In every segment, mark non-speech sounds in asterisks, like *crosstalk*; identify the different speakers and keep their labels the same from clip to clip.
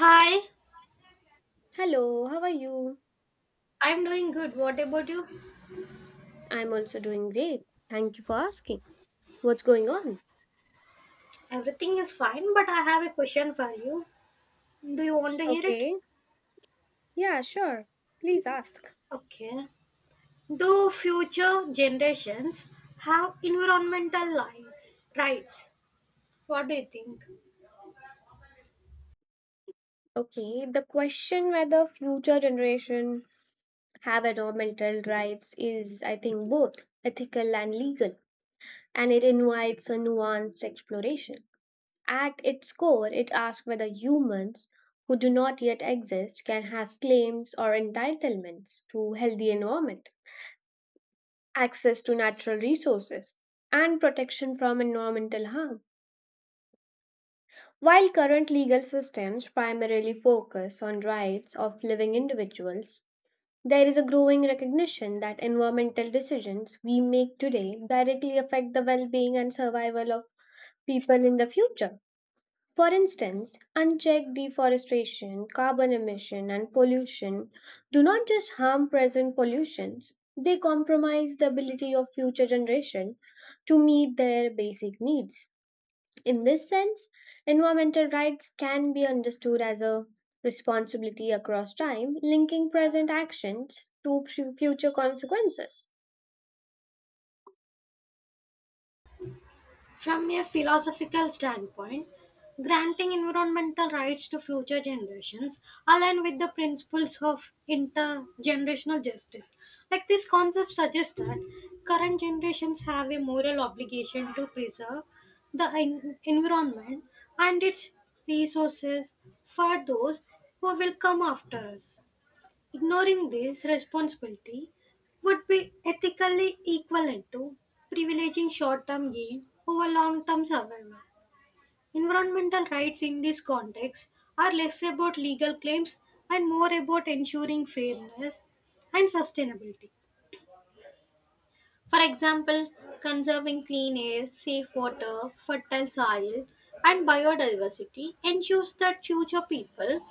Speaker 1: Hi,
Speaker 2: Hello, how are you?
Speaker 1: I'm doing good. What about you?
Speaker 2: I'm also doing great. Thank you for asking. What's going on?
Speaker 1: Everything is fine, but I have a question for you. Do you want to hear it?
Speaker 2: Okay, yeah, sure. Please ask.
Speaker 1: Okay. Do future generations have rights? What do you think?
Speaker 2: Okay, the question whether future generation have environmental rights is, I think, both ethical and legal, and it invites a nuanced exploration. At its core, it asks whether humans who do not yet exist can have claims or entitlements to healthy environment. Access to natural resources, and protection from environmental harm. While current legal systems primarily focus on rights of living individuals, there is a growing recognition that environmental decisions we make today directly affect the well being and survival of people in the future. For instance, unchecked deforestation, carbon emission, and pollution do not just harm present pollutions, they compromise the ability of future generation to meet their basic needs. In this sense, environmental rights can be understood as a responsibility across time, linking present actions to future consequences.
Speaker 1: From a philosophical standpoint, granting environmental rights to future generations align with the principles of intergenerational justice. Like this concept suggests that current generations have a moral obligation to preserve the environment and its resources for those who will come after us. Ignoring this responsibility would be ethically equivalent to privileging short term gain over long term survival. Environmental rights in this context are less about legal claims and more about ensuring fairness and sustainability. For example, conserving clean air, safe water, fertile soil, and biodiversity ensures that future people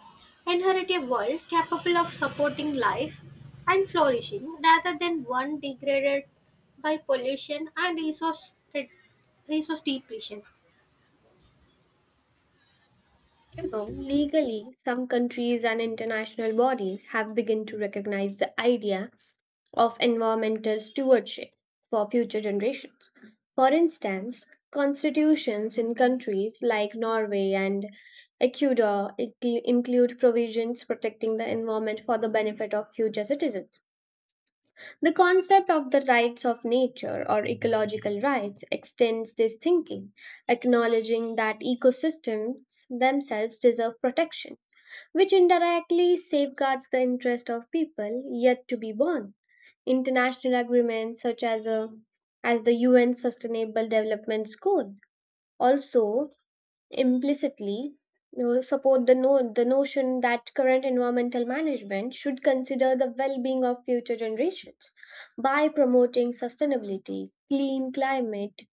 Speaker 1: inherit a world capable of supporting life and flourishing rather than one degraded by pollution and resource depletion.
Speaker 2: Legally, some countries and international bodies have begun to recognize the idea of environmental stewardship for future generations. For instance, constitutions in countries like Norway and Ecuador include provisions protecting the environment for the benefit of future citizens. The concept of the rights of nature or ecological rights extends this thinking, acknowledging that ecosystems themselves deserve protection, which indirectly safeguards the interest of people yet to be born. International agreements such as the UN Sustainable Development Goal also implicitly support the the notion that current environmental management should consider the well-being of future generations by promoting sustainability, clean climate,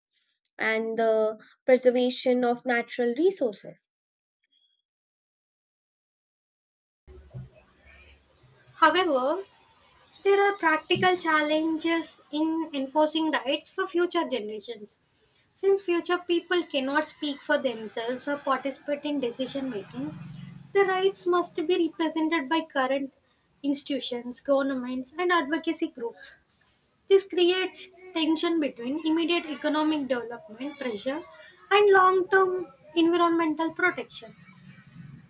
Speaker 2: and the preservation of natural resources.
Speaker 1: However, there are practical challenges in enforcing rights for future generations. Since future people cannot speak for themselves or participate in decision making, the rights must be represented by current institutions, governments, and advocacy groups. This creates tension between immediate economic development pressure and long term environmental protection.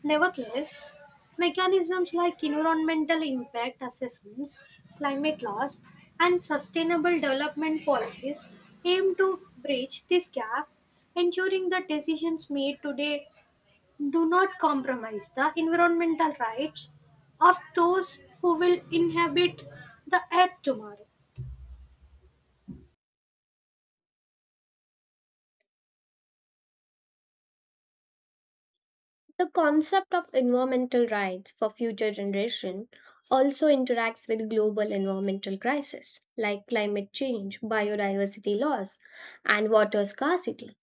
Speaker 1: Nevertheless, mechanisms like environmental impact assessments, climate laws, and sustainable development policies aim to bridge this gap, ensuring that decisions made today do not compromise the environmental rights of those who will inhabit the earth tomorrow.
Speaker 2: The concept of environmental rights for future generation also interacts with global environmental crises like climate change, biodiversity loss, and water scarcity.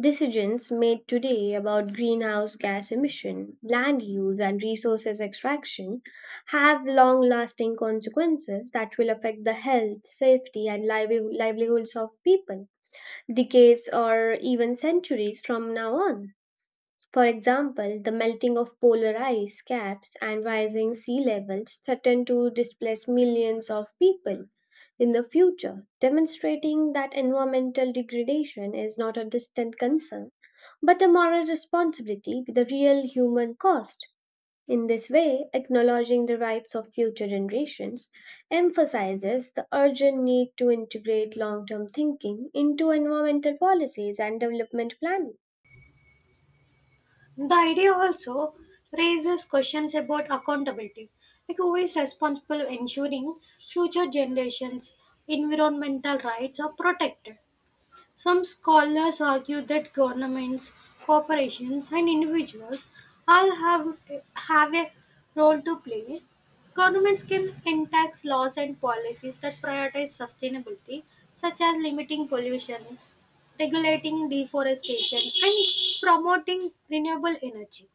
Speaker 2: Decisions made today about greenhouse gas emission, land use, and resources extraction have long lasting consequences that will affect the health, safety, and livelihoods of people decades or even centuries from now on. For example, the melting of polar ice caps and rising sea levels threaten to displace millions of people in the future, demonstrating that environmental degradation is not a distant concern but a moral responsibility with a real human cost. In this way, acknowledging the rights of future generations emphasizes the urgent need to integrate long term thinking into environmental policies and development planning.
Speaker 1: The idea also raises questions about accountability. Like, who is responsible for ensuring future generations' environmental rights are protected? Some scholars argue that governments, corporations, and individuals all have, have a role to play. Governments can enact laws and policies that prioritize sustainability, such as limiting pollution, regulating deforestation, and promoting renewable energy.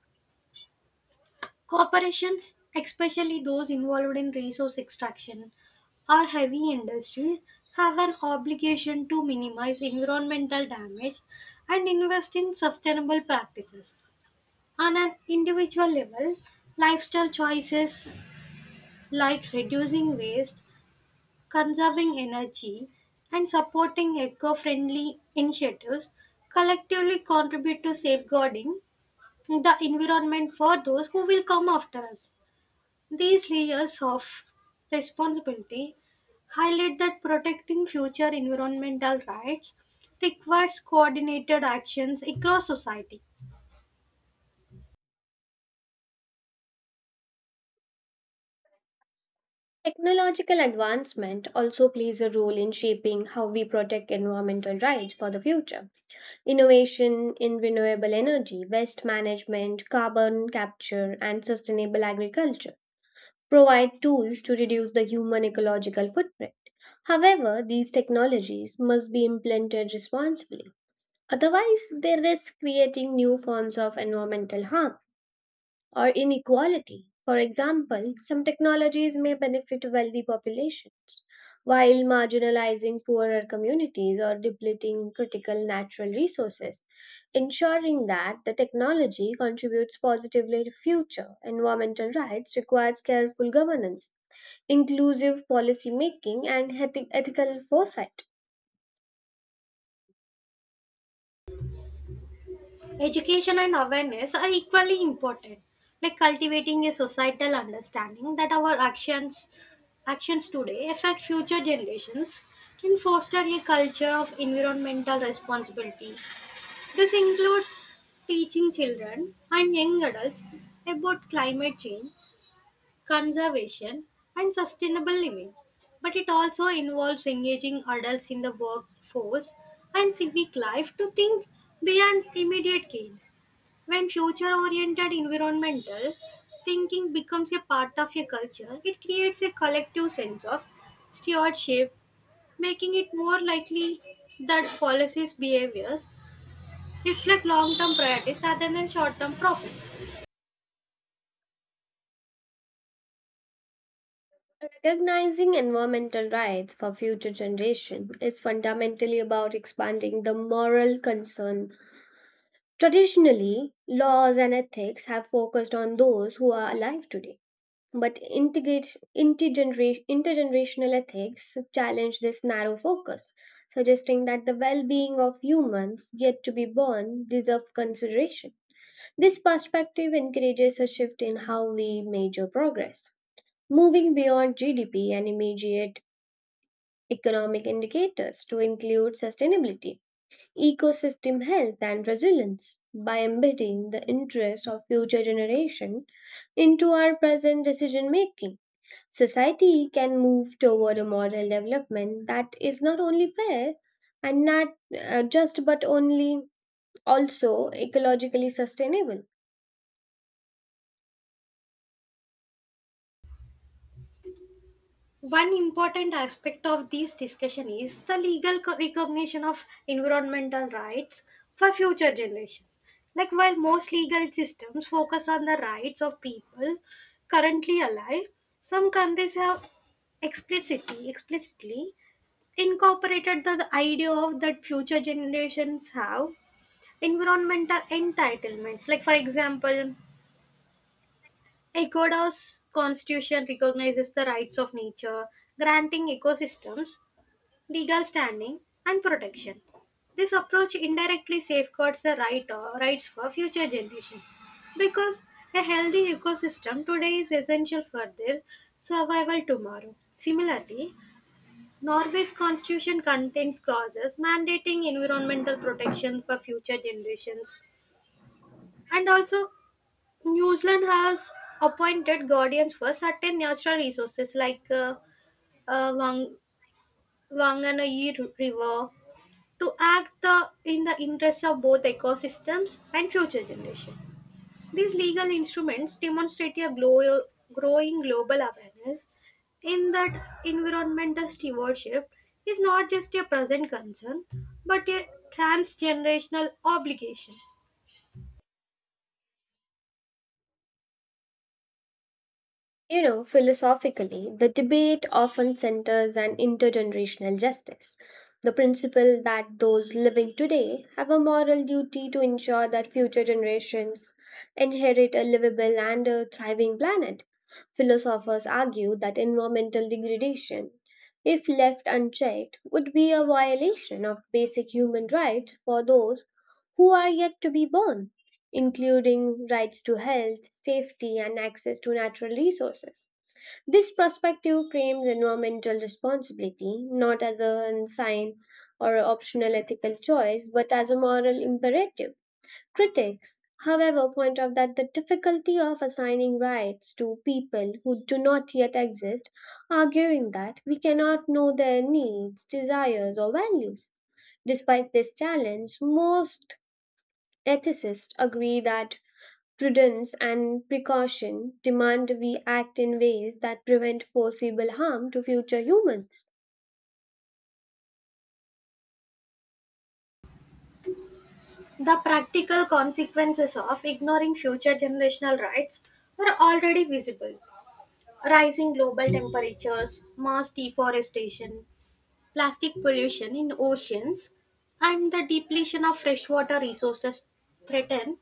Speaker 1: Corporations, especially those involved in resource extraction or heavy industries, have an obligation to minimize environmental damage and invest in sustainable practices. On an individual level, lifestyle choices like reducing waste, conserving energy, and supporting eco friendly initiatives collectively contribute to safeguarding the environment for those who will come after us. These layers of responsibility highlight that protecting future environmental rights requires coordinated actions across society.
Speaker 2: Technological advancement also plays a role in shaping how we protect environmental rights for the future. Innovation in renewable energy, waste management, carbon capture, and sustainable agriculture provide tools to reduce the human ecological footprint. However, these technologies must be implemented responsibly. Otherwise, they risk creating new forms of environmental harm or inequality. For example, some technologies may benefit wealthy populations, while marginalizing poorer communities or depleting critical natural resources, ensuring that the technology contributes positively to future environmental rights requires careful governance, inclusive policy making, and ethical foresight.
Speaker 1: Education and awareness are equally important, like cultivating a societal understanding that our actions actions today affect future generations can foster a culture of environmental responsibility. This includes teaching children and young adults about climate change conservation, and sustainable living. But it also involves engaging adults in the workforce and civic life to think beyond immediate gains. When future oriented environmental thinking becomes a part of a culture, it creates a collective sense of stewardship, making it more likely that policies' behaviors reflect long term priorities rather than short term profit.
Speaker 2: Recognizing environmental rights for future generations is fundamentally about expanding the moral concern. Traditionally, laws and ethics have focused on those who are alive today, but intergenerational ethics challenge this narrow focus, suggesting that the well being of humans yet to be born deserve consideration. This perspective encourages a shift in how we measure progress, moving beyond GDP and immediate economic indicators to include sustainability ecosystem health and resilience by embedding the interests of future generations into our present decision making. Society can move toward a model development that is not only fair and not just but only also ecologically sustainable.
Speaker 1: One important aspect of this discussion is the recognition of environmental rights for future generations. Like while most legal systems focus on the rights of people currently alive, some countries have explicitly incorporated the idea of that future generations have environmental entitlements. Like for example, Ecuador's constitution recognizes the rights of nature, granting ecosystems legal standing, and protection. This approach indirectly safeguards the right or rights for future generations because a healthy ecosystem today is essential for their survival tomorrow. Similarly, Norway's constitution contains clauses mandating environmental protection for future generations. And also, New Zealand has appointed guardians for certain natural resources like uh, Wang- Whanganui River to act in the interests of both ecosystems and future generations. These legal instruments demonstrate a growing global awareness in that environmental stewardship is not just a present concern but a transgenerational obligation.
Speaker 2: Philosophically, the debate often centers on intergenerational justice, the principle that those living today have a moral duty to ensure that future generations inherit a livable and a thriving planet. Philosophers argue that environmental degradation, if left unchecked, would be a violation of basic human rights for those who are yet to be born, including rights to health, safety, and access to natural resources. This perspective frames environmental responsibility not as a sign or an optional ethical choice, but as a moral imperative. Critics, however, point out that the difficulty of assigning rights to people who do not yet exist, arguing that we cannot know their needs, desires, or values. Despite this challenge, most ethicists agree that prudence and precaution demand we act in ways that prevent foreseeable harm to future humans.
Speaker 1: The practical consequences of ignoring future generational rights are already visible. Rising global temperatures, mass deforestation, plastic pollution in oceans and the depletion of freshwater resources threaten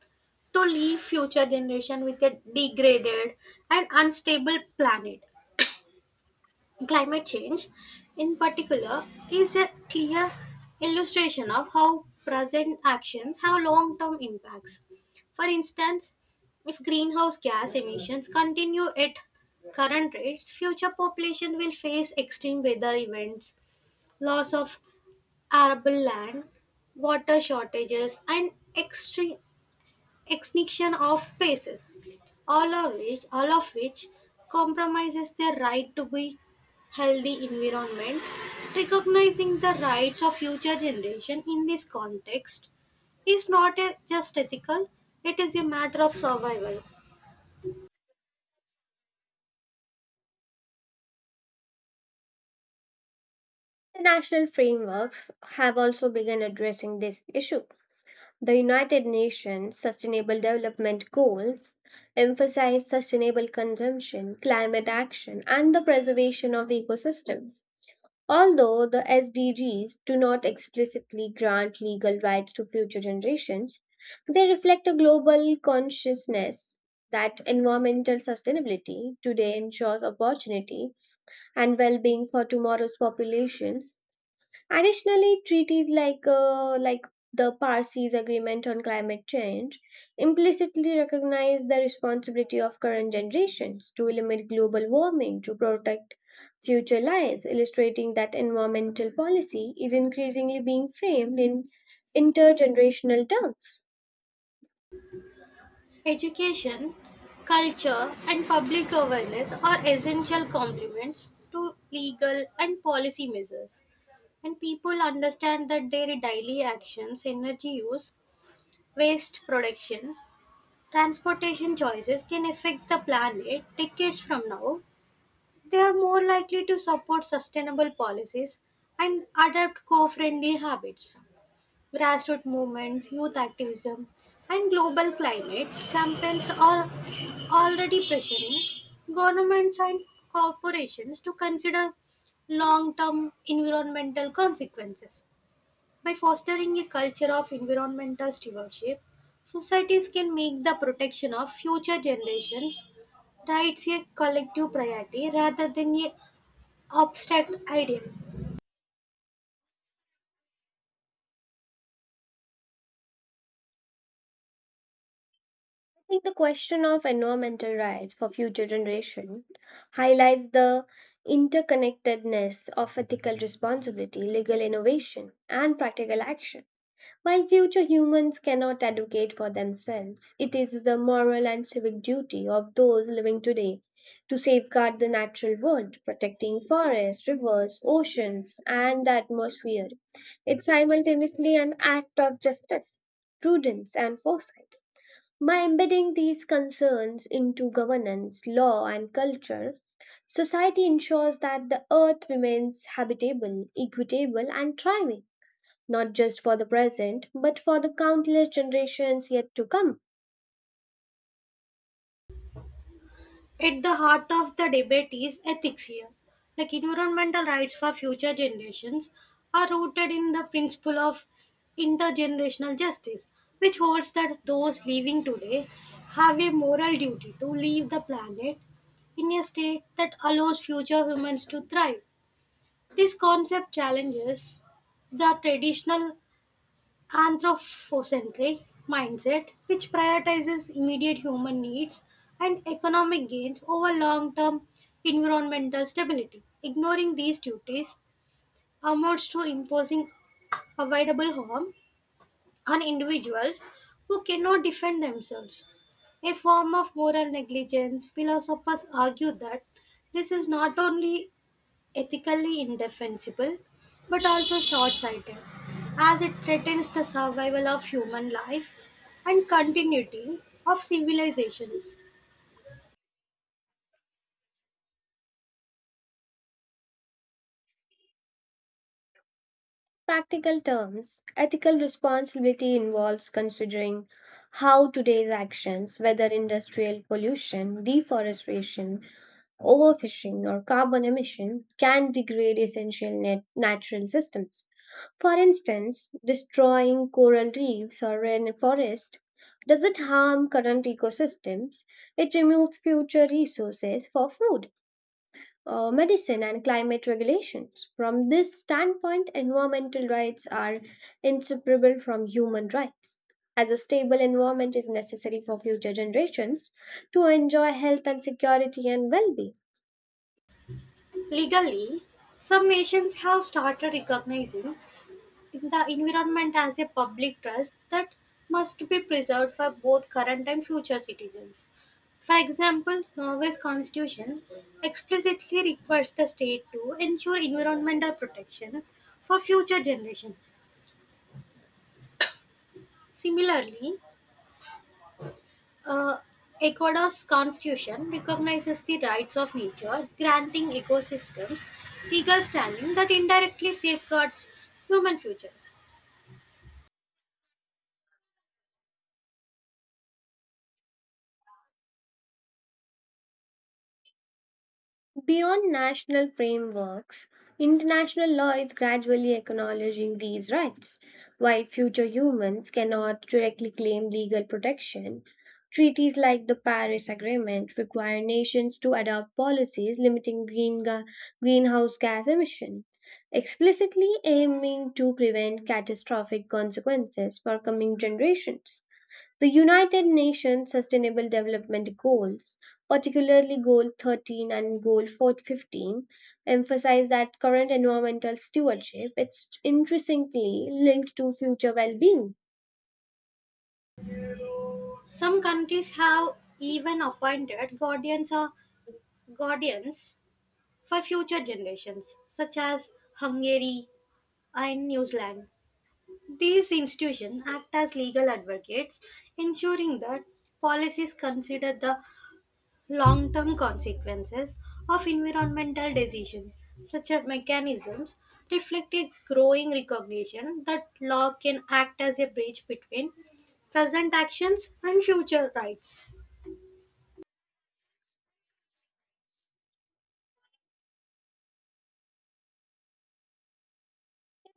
Speaker 1: to leave future generation with a degraded and unstable planet. Climate change, in particular, is a clear illustration of how present actions have long-term impacts. For instance, if greenhouse gas emissions continue at current rates, future population will face extreme weather events, loss of arable land, water shortages, and extinction of species, all of which compromises their right to be healthy environment. Recognizing the rights of future generation in this context is not a- just ethical; it is a matter of survival.
Speaker 2: International frameworks have also begun addressing this issue. The United Nations Sustainable Development Goals emphasize sustainable consumption, climate action, and the preservation of ecosystems. Although the SDGs do not explicitly grant legal rights to future generations, they reflect a global consciousness that environmental sustainability today ensures opportunity and well being for tomorrow's populations. Additionally, treaties like the Parsis Agreement on Climate Change implicitly recognize the responsibility of current generations to limit global warming to protect future lives, illustrating that environmental policy is increasingly being framed in intergenerational terms.
Speaker 1: Education, culture, and public awareness are essential complements to legal and policy measures. And people understand that their daily actions, energy use, waste production, transportation choices can affect the planet decades from now, they are more likely to support sustainable policies and adopt co-friendly habits. Grassroots movements, youth activism, and global climate campaigns are already pressuring governments and corporations to consider long-term environmental consequences. By fostering a culture of environmental stewardship, societies can make the protection of future generations' rights a collective priority rather than an abstract ideal.
Speaker 2: Think the question of environmental rights for future generation highlights the interconnectedness of ethical responsibility, legal innovation, and practical action. While future humans cannot advocate for themselves, it is the moral and civic duty of those living today to safeguard the natural world, protecting forests, rivers, oceans, and the atmosphere. It's simultaneously an act of justice, prudence, and foresight by embedding these concerns into governance, law, and culture, society ensures that the earth remains habitable, equitable, and thriving, not just for the present, but for the countless generations yet to come.
Speaker 1: At the heart of the debate is ethics here. Like environmental rights for future generations are rooted in the principle of intergenerational justice, which holds that those living today have a moral duty to leave the planet in a state that allows future humans to thrive. This concept challenges the traditional anthropocentric mindset, which prioritizes immediate human needs and economic gains over long term environmental stability. Ignoring these duties amounts to imposing avoidable harm on individuals who cannot defend themselves. A form of moral negligence, philosophers argue that this is not only ethically indefensible but also short sighted, as it threatens the survival of human life and continuity of civilizations.
Speaker 2: Practical terms ethical responsibility involves considering how today's actions, whether industrial pollution, deforestation, overfishing or carbon emission can degrade essential natural systems. For instance, destroying coral reefs or rainforest doesn't harm current ecosystems, it removes future resources for food. Uh, medicine and climate regulations. From this standpoint, environmental rights are inseparable from human rights. As a stable environment is necessary for future generations to enjoy health and security and well being.
Speaker 1: Legally, some nations have started recognizing the environment as a public trust that must be preserved for both current and future citizens. For example, Norway's constitution explicitly requires the state to ensure environmental protection for future generations. Similarly, uh, Ecuador's constitution recognizes the rights of nature, granting ecosystems legal standing that indirectly safeguards human futures.
Speaker 2: Beyond national frameworks, international law is gradually acknowledging these rights. While future humans cannot directly claim legal protection, treaties like the Paris Agreement require nations to adopt policies limiting greenhouse gas emission, explicitly aiming to prevent catastrophic consequences for coming generations. The United Nations Sustainable Development Goals, particularly Goal 13 and Goal 4 15, emphasize that current environmental stewardship is intrinsically linked to future well being.
Speaker 1: Some countries have even appointed guardians for future generations, such as Hungary and New Zealand. These institutions act as legal advocates, ensuring that policies consider the long term consequences of environmental decisions, such as mechanisms, reflect a growing recognition that law can act as a bridge between present actions and future rights.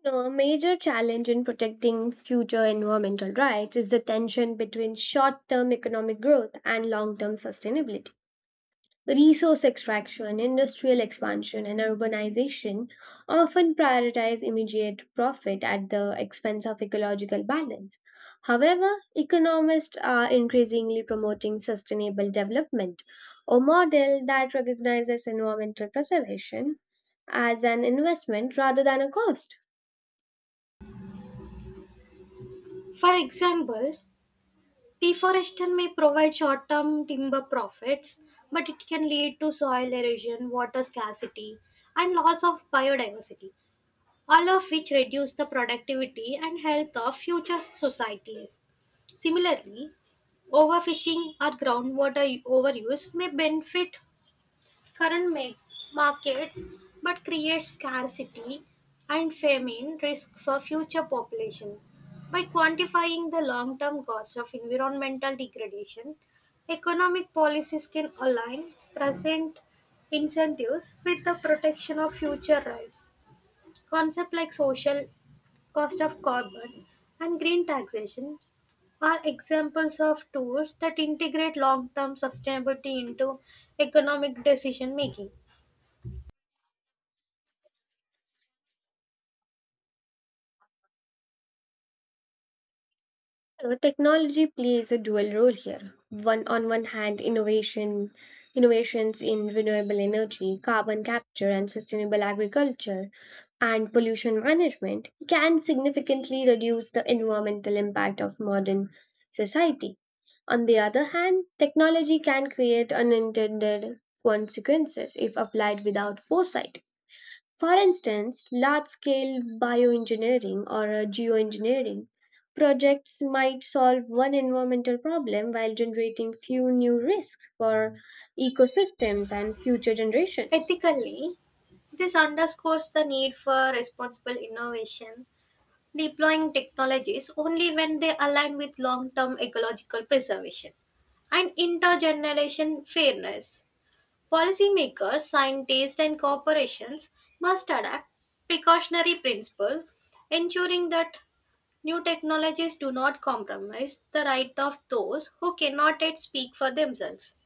Speaker 2: A major challenge in protecting future environmental rights is the tension between short term economic growth and long term sustainability. Resource extraction, industrial expansion, and urbanization often prioritize immediate profit at the expense of ecological balance. However, economists are increasingly promoting sustainable development, a model that recognizes environmental preservation as an investment rather than a cost.
Speaker 1: For example, deforestation may provide short term timber profits, but it can lead to soil erosion, water scarcity, and loss of biodiversity, all of which reduce the productivity and health of future societies. Similarly, overfishing or groundwater overuse may benefit current ma- markets but create scarcity and famine risk for future population. By quantifying the long term costs of environmental degradation, economic policies can align present incentives with the protection of future rights. Concepts like social cost of carbon and green taxation are examples of tools that integrate long term sustainability into economic decision making.
Speaker 2: Technology plays a dual role here. One on one hand, innovations in renewable energy, carbon capture, and sustainable agriculture, and pollution management can significantly reduce the environmental impact of modern society. On the other hand, technology can create unintended consequences if applied without foresight for instance, large scale bioengineering or geoengineering projects might solve one environmental problem while generating few new risks for ecosystems and future generations.
Speaker 1: Ethically, this underscores the need for responsible innovation, deploying technologies only when they align with long term ecological preservation and intergeneration fairness. Policymakers, scientists, and corporations must adapt precautionary principles, ensuring that new technologies do not compromise the right of those who cannot yet speak for themselves.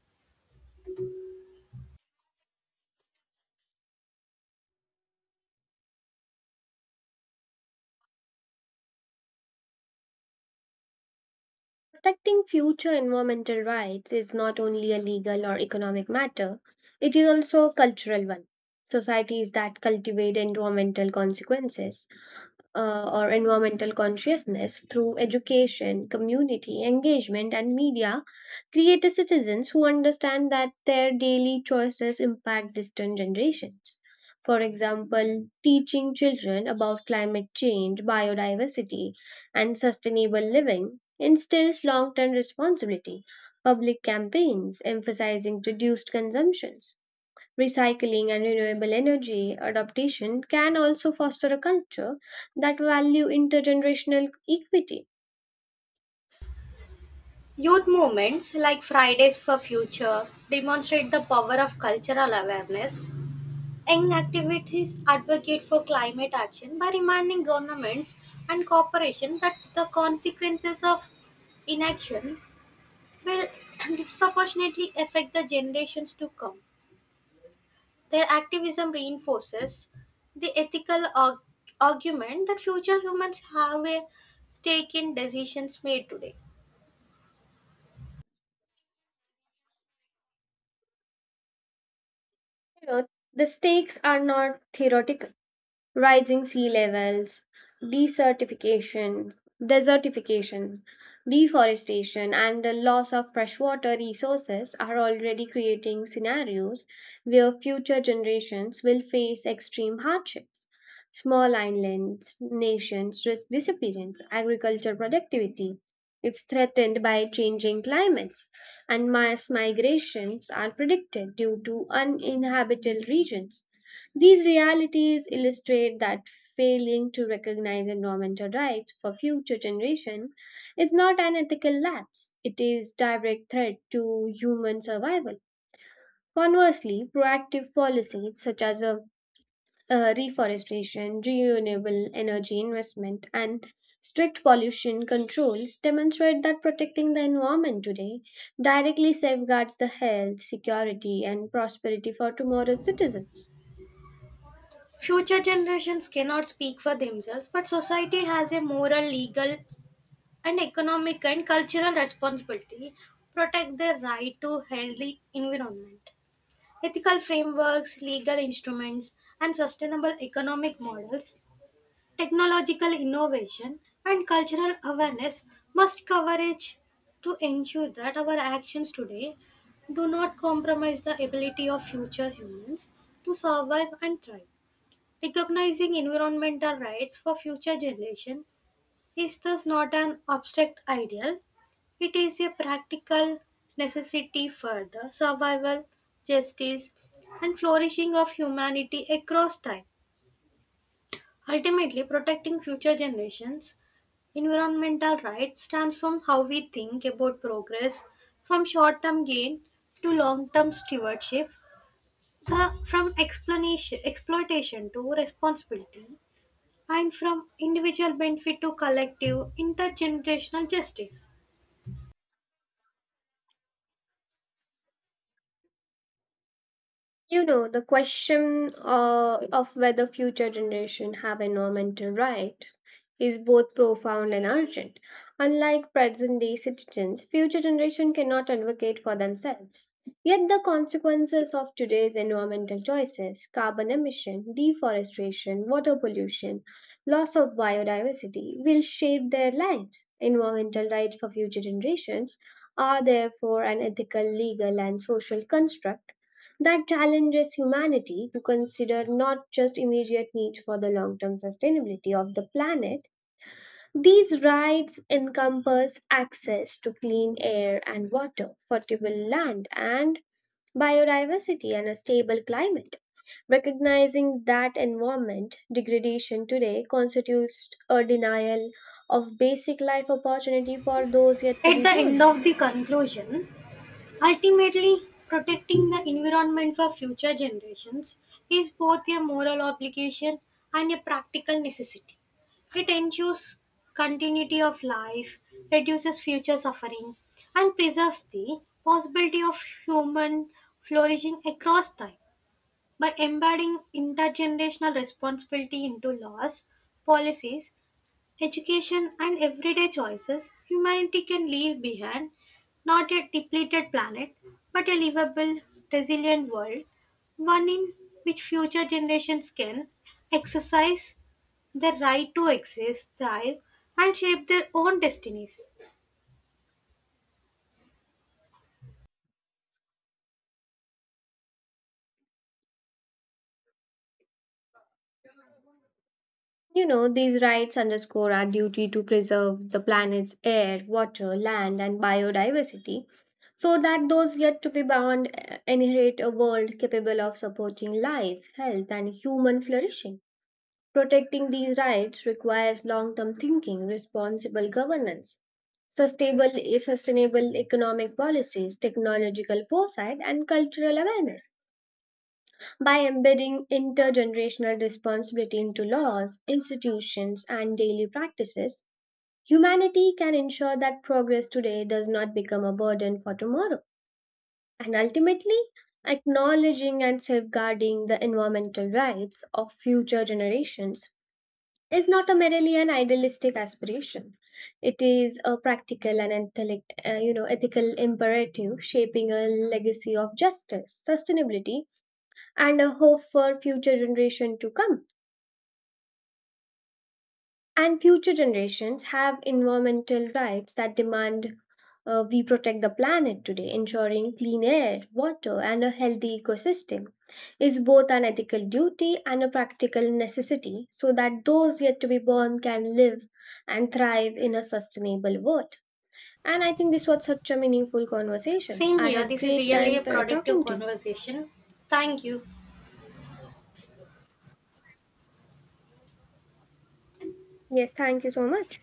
Speaker 2: Protecting future environmental rights is not only a legal or economic matter, it is also a cultural one. Societies that cultivate environmental consequences or environmental consciousness through education, community engagement, and media create a citizens who understand that their daily choices impact distant generations. For example, teaching children about climate change, biodiversity, and sustainable living instills long term responsibility. Public campaigns emphasizing reduced consumptions recycling and renewable energy adaptation can also foster a culture that value intergenerational equity.
Speaker 1: Youth movements like Fridays for Future demonstrate the power of cultural awareness. Young activities advocate for climate action by reminding governments and corporations that the consequences of inaction will *clears throat* disproportionately affect the generations to come. Their activism reinforces the argument that future humans have a stake in decisions made today.
Speaker 2: You know, the stakes are not theoretical. Rising sea levels, desertification, desertification, deforestation, and the loss of freshwater resources are already creating scenarios where future generations will face extreme hardships. Small islands, nations risk disappearance, agricultural productivity is threatened by changing climates, and mass migrations are predicted due to uninhabitable regions. These realities illustrate that failing to recognize environmental rights for future generation is not an ethical lapse, it is direct threat to human survival. Conversely, proactive policies such as reforestation, renewable energy investment, and strict pollution controls demonstrate that protecting the environment today directly safeguards the health, security, and prosperity for tomorrow's citizens.
Speaker 1: Future generations cannot speak for themselves, but society has a moral, legal, and economic and cultural responsibility to protect their right to healthy environment. Ethical frameworks, legal instruments, and sustainable economic models, technological innovation and cultural awareness must coverage to ensure that our actions today do not compromise the ability of future humans to survive and thrive. Recognizing environmental rights for future generations is thus not an abstract ideal, it is a practical necessity for the survival, justice, and flourishing of humanity across time. Ultimately, protecting future generations environmental rights transform how we think about progress from short term gain to long term stewardship, from explanation, exploitation to responsibility, and from individual benefit to collective intergenerational justice.
Speaker 2: The question of whether future generation have environmental rights is both profound and urgent. Unlike present day citizens, future generation cannot advocate for themselves. Yet, the consequences of today's environmental choices carbon emission, deforestation, water pollution, loss of biodiversity will shape their lives. Environmental rights for future generations are therefore an ethical, legal, and social construct that challenges humanity to consider not just immediate needs for the long term sustainability of the planet. These rights encompass access to clean air and water, fertile land, and biodiversity and a stable climate. Recognizing that environment degradation today constitutes a denial of basic life opportunity for those yet to be
Speaker 1: At the end
Speaker 2: born.
Speaker 1: of the conclusion, ultimately, protecting the environment for future generations is both a moral obligation and a practical necessity. It ensures continuity of life, reduces future suffering, and preserves the possibility of human flourishing across time. By embedding intergenerational responsibility into laws, policies, education and everyday choices, humanity can leave behind not a depleted planet, but a livable, resilient world, one in which future generations can exercise their right to exist, thrive, and shape their own destinies.
Speaker 2: These rights underscore our duty to preserve the planet's air, water, land, and biodiversity so that those yet to be born inherit a world capable of supporting life, health, and human flourishing. Protecting these rights requires long term thinking, responsible governance, sustainable economic policies, technological foresight, and cultural awareness by embedding intergenerational responsibility into laws, institutions, and daily practices, humanity can ensure that progress today does not become a burden for tomorrow. And ultimately, acknowledging and safeguarding the environmental rights of future generations is not a merely an idealistic aspiration. It is a practical and ethical imperative shaping a legacy of justice, sustainability, and a hope for future generation to come. And future generations have environmental rights that demand we protect the planet today, ensuring clean air, water, and a healthy ecosystem is both an ethical duty and a practical necessity so that those yet to be born can live and thrive in a sustainable world. And I think this was such a meaningful conversation.
Speaker 1: Same
Speaker 2: I
Speaker 1: here,
Speaker 2: had
Speaker 1: this is
Speaker 2: great
Speaker 1: really
Speaker 2: time
Speaker 1: a productive
Speaker 2: talking to you.
Speaker 1: conversation. Thank you.
Speaker 2: Yes, thank you so much.